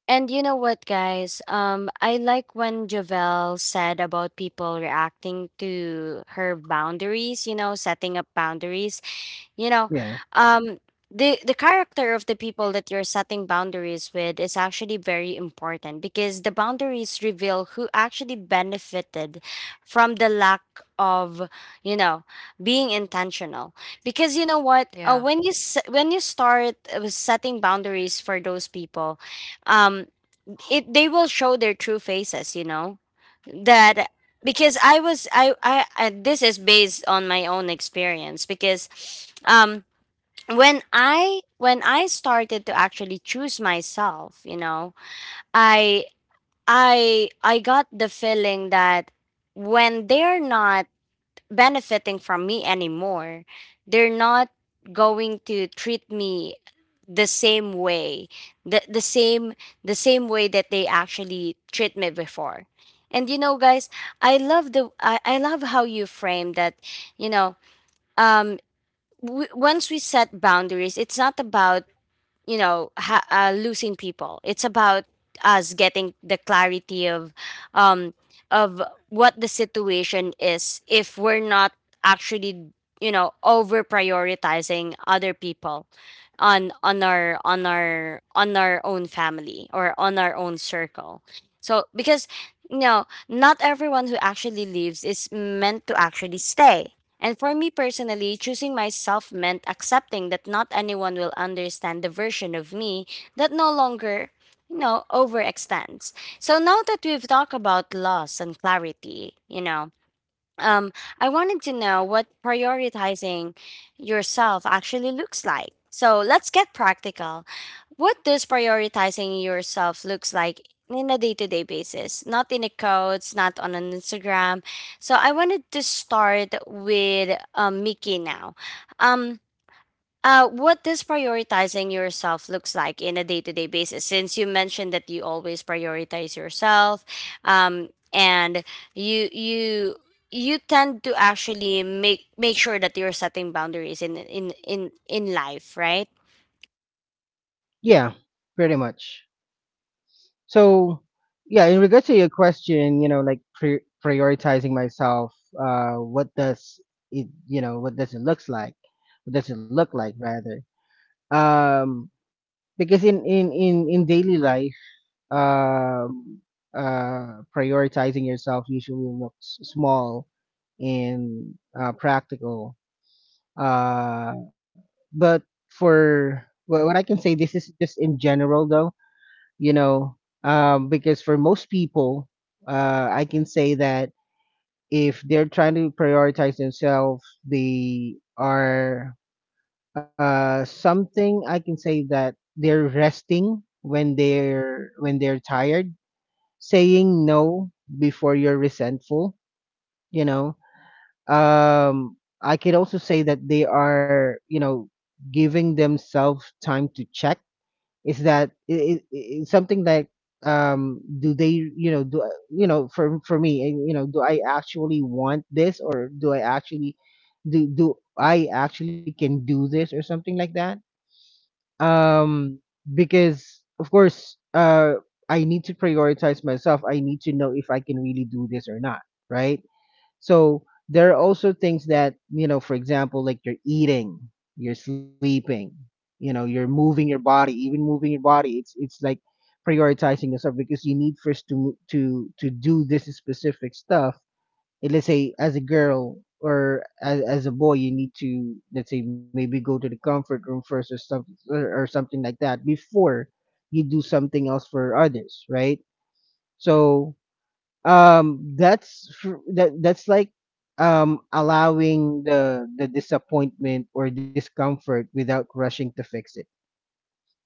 Speaker 1: And you know what, guys? I like when Jovel said about people reacting to her boundaries. You know, setting up boundaries. You know,
Speaker 3: yeah,
Speaker 1: um, the character of the people that you're setting boundaries with is actually very important because the boundaries reveal who actually benefited from the lack of, you know, being intentional. Because you know what,
Speaker 2: Yeah,
Speaker 1: when you when you start setting boundaries for those people, um it they will show their true faces, you know that because I was I this is based on my own experience because um when I when I started to actually choose myself, you know, i I got the feeling that when they're not benefiting from me anymore. They're not going to treat me the same way, the same the same way that they actually treat me before. And you know guys, I love how you frame that, you know, um once we set boundaries it's not about, you know, losing people. It's about us getting the clarity of, um of what the situation is if we're not actually, you know, over prioritizing other people on our own family or on our own circle. So because, you know, not everyone who actually leaves is meant to actually stay. And for me personally, choosing myself meant accepting that not anyone will understand the version of me that no longer, you know, overextends. So now that we've talked about loss and clarity, you know, um, I wanted to know what prioritizing yourself actually looks like. So let's get practical. What does prioritizing yourself looks like in a day-to-day basis? Not in the codes, not on an Instagram. So I wanted to start with Mickey now. Um, what does prioritizing yourself looks like in a day-to-day basis since you mentioned that you always prioritize yourself, and you you you tend to actually make sure that you're setting boundaries in life, right?
Speaker 3: yeah, pretty much. So yeah, in regards to your question, you know, like prioritizing myself, what does you know, what does it looks like? What does it look like rather? Um, because in daily life, um prioritizing yourself usually looks small and practical, uh but for what I can say, this is just in general, though, you know, because for most people, I can say that if they're trying to prioritize themselves, they are, something I can say that they're resting when they're tired, saying no before you're resentful, you know. I could also say that they are, you know, giving themselves time to check. Is that it's something like, do they, you know, you know, for me, you know, do I actually want this, or do I actually do do I actually can do this, or something like that. Um, because of course, I need to prioritize myself. I need to know if I can really do this or not, right? So there are also things that, you know, for example, like you're eating, you're sleeping, you know, you're moving your body. Even moving your body, it's like prioritizing yourself, because you need first to to do this specific stuff. Eh, let's say as a girl, or as a boy, you need to, let's say, maybe go to the comfort room first, or something, or something like that, before you do something else for others, right? So, that that's like, allowing the disappointment or discomfort without rushing to fix it,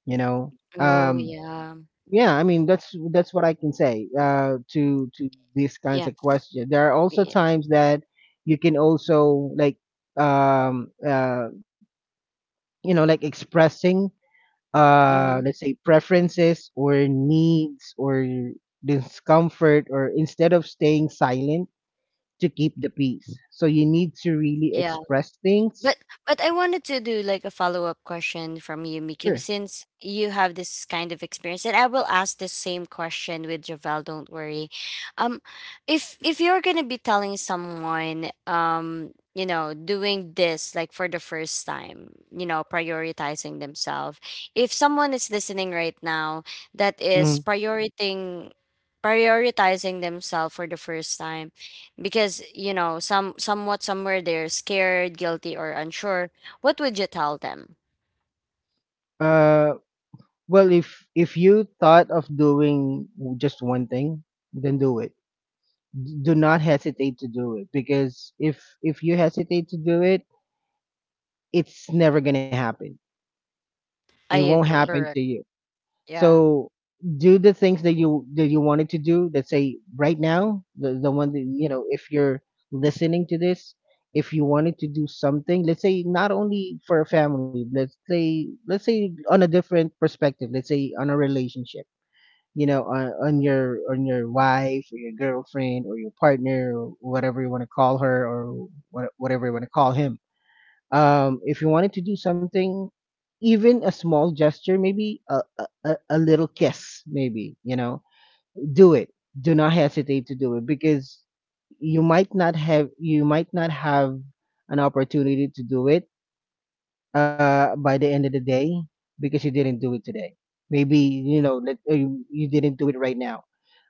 Speaker 3: you know.
Speaker 1: Oh
Speaker 3: Um,
Speaker 1: yeah.
Speaker 3: yeah, I mean, that's what I can say to these kinds
Speaker 1: Yeah.
Speaker 3: of questions. There are also
Speaker 1: Yeah.
Speaker 3: times that you can also, like, um uh you know, like expressing,
Speaker 1: Hmm.
Speaker 3: let's say, preferences or needs or discomfort, or instead of staying silent to keep the peace, so you need to really express things.
Speaker 1: But but I wanted to do like a follow up question from you, Miki,
Speaker 3: Sure.
Speaker 1: since you have this kind of experience, and I will ask the same question with Javel. Don't worry. Um, if you're gonna be telling someone, you know, doing this like for the first time, you know, prioritizing themselves. If someone is listening right now that is
Speaker 3: Mm.
Speaker 1: prioritizing themselves for the first time because you know some somewhat somewhere they're scared, guilty, or unsure, what would you tell them?
Speaker 3: Uh, well, if you thought of doing just one thing, then do it. Do not hesitate to do it, because if you hesitate to do it, it's never going to happen. It
Speaker 1: I
Speaker 3: won't
Speaker 1: agree.
Speaker 2: correct.
Speaker 3: happen to you.
Speaker 2: Yeah.
Speaker 3: So do the things that you wanted to do. Let's say right now, the one that, you know, if you're listening to this, if you wanted to do something, let's say not only for a family, let's say on a different perspective, let's say on a relationship. You know, on your wife, or your girlfriend, or your partner, or whatever you want to call her, or whatever you want to call him. If you wanted to do something, even a small gesture, maybe a, a little kiss, maybe, you know, do it. Do not hesitate to do it, because you might not have an opportunity to do it, by the end of the day, because you didn't do it today. Maybe you know that, you you didn't do it right now,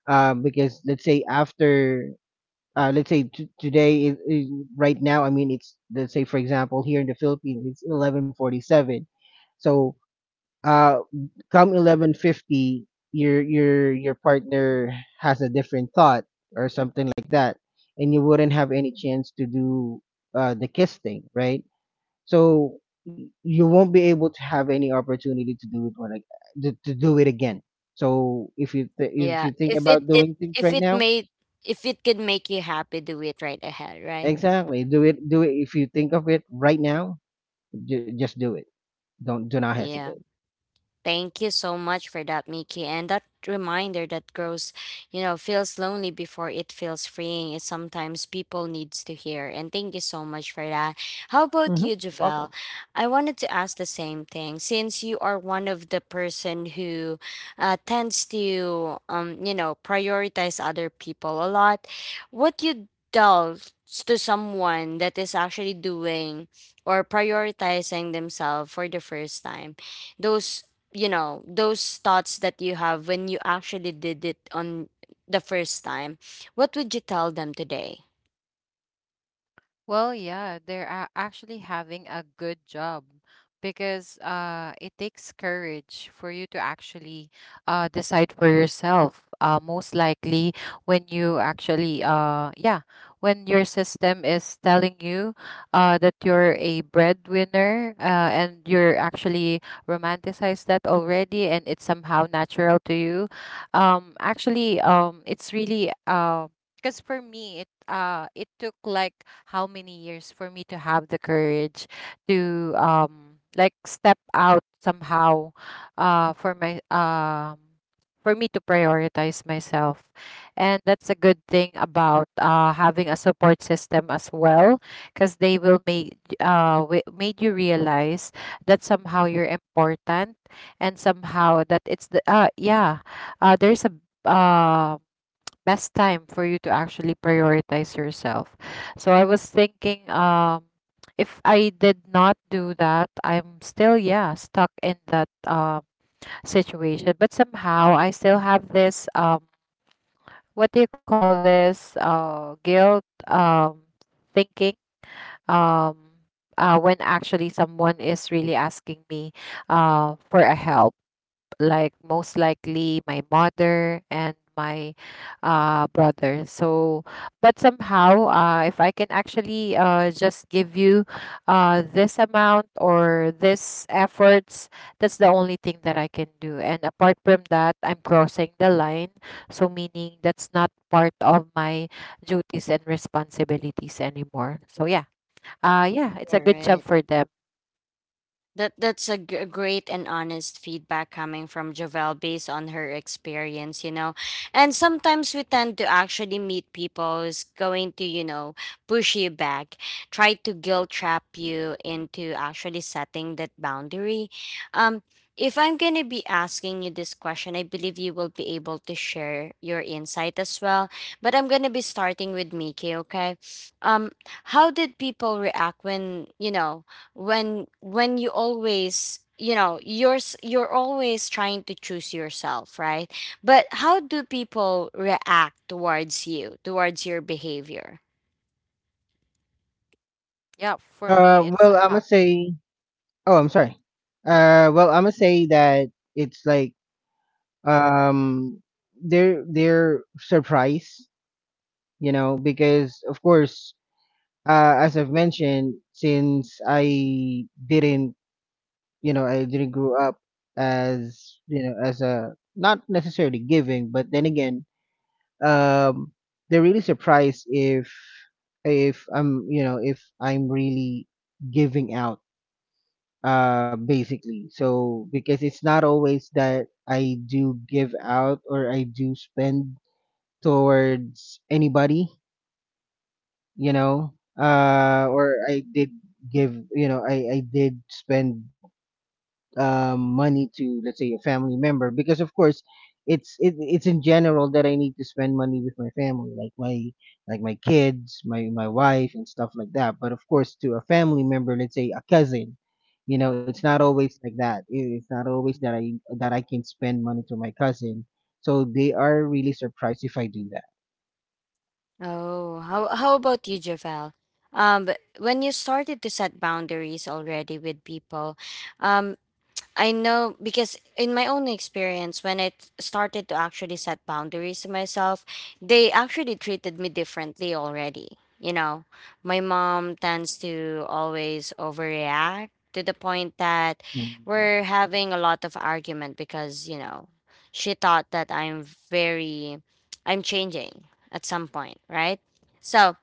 Speaker 3: because let's say after, let's say today is right now, I mean, it's, let's say, for example, here in the Philippines, it's 11:47. So, uh, come 11:50, your your partner has a different thought or something like that, and you wouldn't have any chance to do, the kiss thing, right? So, you won't be able to have any opportunity to do it when, to do it again. So if you th- if
Speaker 1: Yeah,
Speaker 3: you think
Speaker 1: if it
Speaker 3: about
Speaker 1: it
Speaker 3: doing things
Speaker 1: if
Speaker 3: right
Speaker 1: it
Speaker 3: now.
Speaker 1: made, if it could make you happy, do it right ahead, right?
Speaker 3: Exactly. Do it. Do it. If you think of it right now, just do it. Don't Do not hesitate.
Speaker 1: Yeah. Thank you so much for that, Mickey. And that reminder that grows, you know, feels lonely before it feels freeing is sometimes people needs to hear. And thank you so much for that. How about
Speaker 3: Hmm.
Speaker 1: you,
Speaker 3: Welcome.
Speaker 1: Javel? I wanted to ask the same thing since you are one of the person who tends to, you know, prioritize other people a lot. What you tell to someone that is actually doing or prioritizing themselves for the first time? Those, you know, those thoughts that you have when you actually did it on the first time, what would you tell them today?
Speaker 2: Well, yeah, they're actually having a good job because it takes courage for you to actually decide for yourself. Most likely, when you actually, when your system is telling you that you're a breadwinner and you're actually romanticized that already, and it's somehow natural to you, actually, it's really. Because for me, it it took like how many years for me to have the courage to like step out somehow for my for me to prioritize myself. And that's a good thing about having a support system as well, because they will make made you realize that somehow you're important, and somehow that it's the yeah, there's a um best time for you to actually prioritize yourself. So I was thinking, if I did not do that, I'm still, yeah, stuck in that situation. But somehow I still have this, what do you call this, guilt, thinking, um, when actually someone is really asking me, for a help, like most likely my mother and my brother. So, but somehow, if I can actually just give you this amount or this efforts, that's the only thing that I can do. And apart from that, I'm crossing the line. So, meaning that's not part of my duties and responsibilities anymore. So, yeah. Yeah, it's a
Speaker 1: All
Speaker 2: good job
Speaker 1: right.
Speaker 2: for them.
Speaker 1: That that's a a great and honest feedback coming from Jovel based on her experience, you know. And sometimes we tend to actually meet people who's going to, you know, push you back, try to guilt trap you into actually setting that boundary. Um, if I'm gonna be asking you this question, I believe you will be able to share your insight as well. But I'm gonna be starting with Miki, okay? Um, how did people react when you know? When you always, you know, you're you're always trying to choose yourself, right? But how do people react towards you, towards your behavior?
Speaker 2: Yeah, for me, it's
Speaker 3: Well, I'm gonna
Speaker 2: somehow.
Speaker 3: say. Oh, I'm sorry. Well, I'm gonna say that it's like, um, they're surprised, you know, because of course, as I've mentioned, since I didn't, you know, I didn't grow up as, you know, as a not necessarily giving, but then again, um, they're really surprised if I'm, you know, if I'm really giving out, uh, basically. So, because it's not always that I do give out, or I do spend towards anybody, you know, uh, or I did give, you know, I did spend, money to, let's say, a family member, because of course, it's in general that I need to spend money with my family, like my kids, my wife, and stuff like that. But of course, to a family member, let's say a cousin, you know, it's not always like that. It's not always that I can spend money to my cousin, so they are really surprised if I do that.
Speaker 1: Oh, how about you, Javel? But when you started to set boundaries already with people, um I know because in my own experience, when I started to actually set boundaries to myself, they actually treated me differently already. You know, my mom tends to always overreact to the point that
Speaker 3: Mm.
Speaker 1: we're having a lot of argument because, you know, she thought that I'm very, I'm changing at some point, right? So,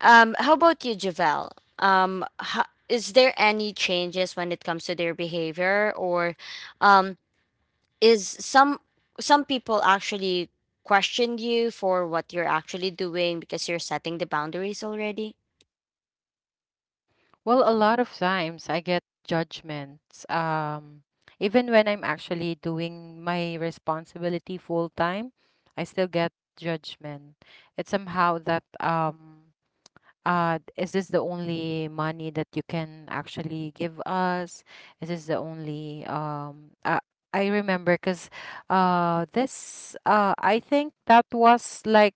Speaker 1: how about you, Javel? Um, ho- is there any changes when it comes to their behavior, or um, is some people actually question you for what you're actually doing because you're setting the boundaries already?
Speaker 2: Well, a lot of times I get judgments, even when I'm actually doing my responsibility full time, I still get judgment. It's somehow that is this the only money that you can actually give us? Is this the only I remember because this I think that was like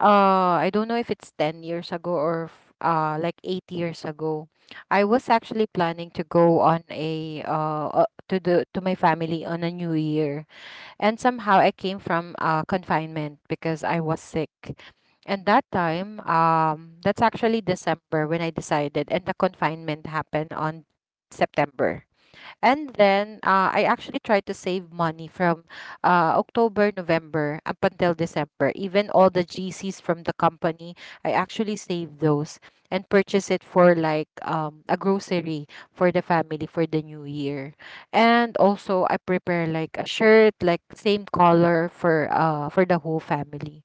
Speaker 2: I don't know if it's 10 years ago or like 8 years ago. I was actually planning to go on a to the to my family on a new year. And somehow I came from confinement because I was sick. And that time that's actually December when I decided, and the confinement happened on September. And then I actually tried to save money from October, November up until December. Even all the GCs from the company, I actually saved those and purchased it for like a grocery for the family for the new year. And also I prepare like a shirt, like same color for the whole family.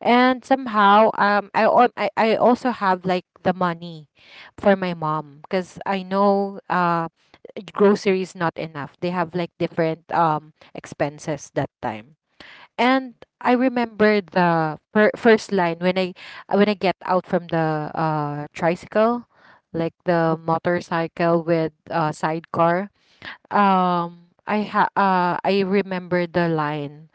Speaker 2: And somehow, I, I also have like the money for my mom because I know grocery is not enough. They have like different expenses that time. And I remember the first line when I get out from the tricycle, like the motorcycle with sidecar. I remember the line,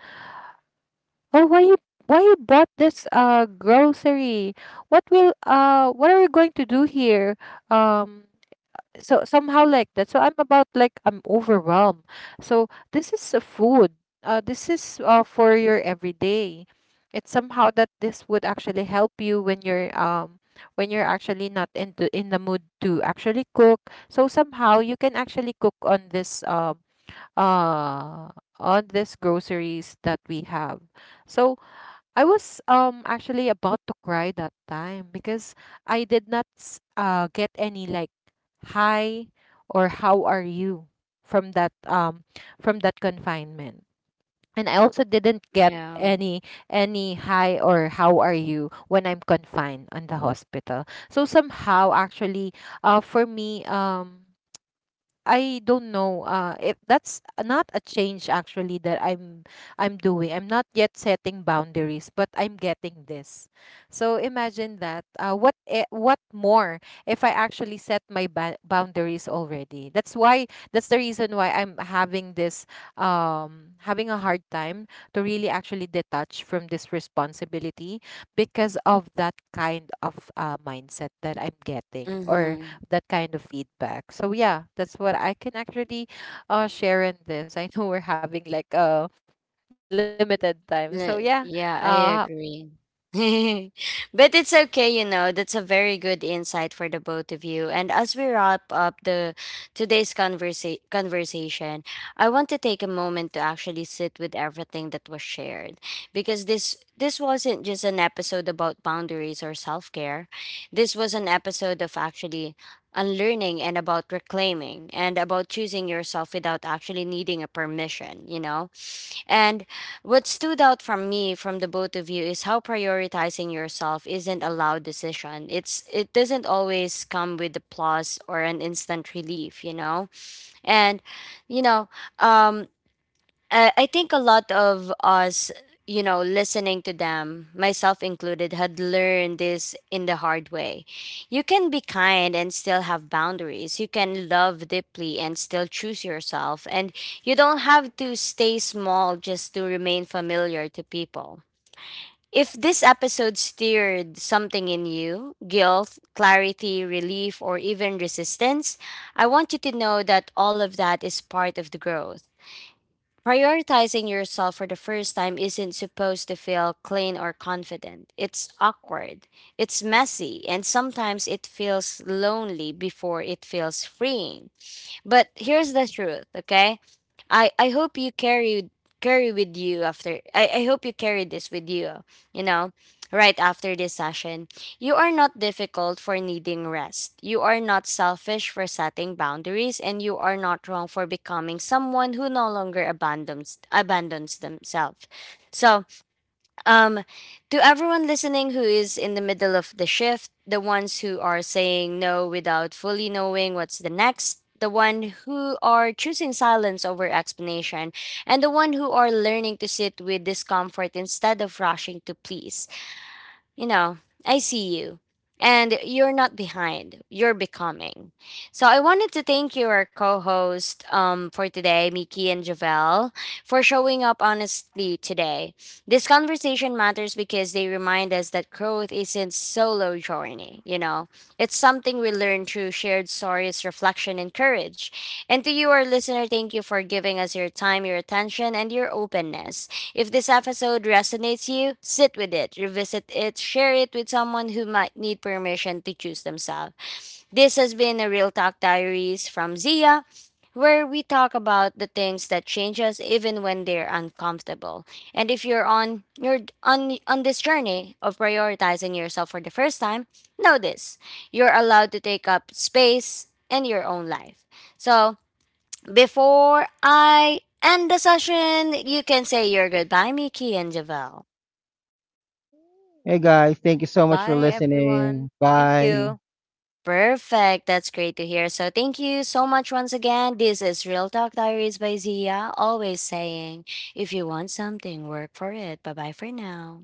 Speaker 2: or why you bought this grocery? What will what are we going to do here? Um so somehow like that. So I'm about like I'm overwhelmed. So this is a food. This is for your everyday. It's somehow that this would actually help you when you're actually not into in the mood to actually cook. So somehow you can actually cook uh on this groceries that we have. So I was actually about to cry that time because I did not get any like hi or how are you from that um from that confinement. And I also didn't get
Speaker 1: Yeah.
Speaker 2: any hi or how are you when I'm confined on the hospital. So somehow actually for me I don't know. If that's not a change actually that I'm doing. I'm not yet setting boundaries, but I'm getting this. So imagine that. What what more if I actually set my boundaries already? That's why. That's the reason why I'm having this having a hard time to really actually detach from this responsibility because of that kind of mindset that I'm getting, or
Speaker 1: Mm-hmm.
Speaker 2: that kind of feedback. So yeah, that's what I can actually share in this. I know we're having like a limited time. So yeah.
Speaker 1: Yeah, I
Speaker 2: Uh
Speaker 1: agree. But it's okay, you know, that's a very good insight for the both of you. And as we wrap up the today's conversation, I want to take a moment to actually sit with everything that was shared because this wasn't just an episode about boundaries or self-care. This was an episode of actually unlearning and about reclaiming and about choosing yourself without actually needing a permission, you know? And what stood out from me from the both of you is how prioritizing yourself isn't a loud decision. It doesn't always come with applause or an instant relief, you know? And you know, um I think a lot of us, you know, listening to them, myself included, had learned this in the hard way. You can be kind and still have boundaries. You can love deeply and still choose yourself. And you don't have to stay small just to remain familiar to people. If this episode stirred something in you, guilt, clarity, relief, or even resistance, I want you to know that all of that is part of the growth. Prioritizing yourself for the first time isn't supposed to feel clean or confident. It's awkward, it's messy, and sometimes it feels lonely before it feels freeing. But here's the truth, okay? I hope you carry with you after I hope you carry this with you, you know, right after this session. You are not difficult for needing rest. You are not selfish for setting boundaries and you are not wrong for becoming someone who no longer abandons themselves. So um, to everyone listening who is in the middle of the shift, the ones who are saying no without fully knowing what's the next, the one who are choosing silence over explanation, and the one who are learning to sit with discomfort instead of rushing to please, you know, I see you. And you're not behind, you're becoming. So I wanted to thank you, our co host, for today, Miki and Javel, for showing up honestly today. This conversation matters because they remind us that growth isn't solo journey, you know. It's something we learn through shared stories, reflection, and courage. And to you, our listener, thank you for giving us your time, your attention, and your openness. If this episode resonates you, sit with it, revisit it, share it with someone who might need permission to choose themselves. This has been a Real Talk Diaries from Zia, where we talk about the things that change us even when they're uncomfortable. And if you're on this journey of prioritizing yourself for the first time, know this. You're allowed to take up space in your own life. So before I end the session, you can say your goodbye, Mickey and Javel.
Speaker 3: Hey guys, thank you so much
Speaker 2: bye
Speaker 3: for
Speaker 2: everyone.
Speaker 3: listening.
Speaker 2: Thank you.
Speaker 3: Bye.
Speaker 1: Perfect. That's great to hear. So thank you so much once again. This is Real Talk Diaries by Zia, always saying, if you want something, work for it. Bye bye for now.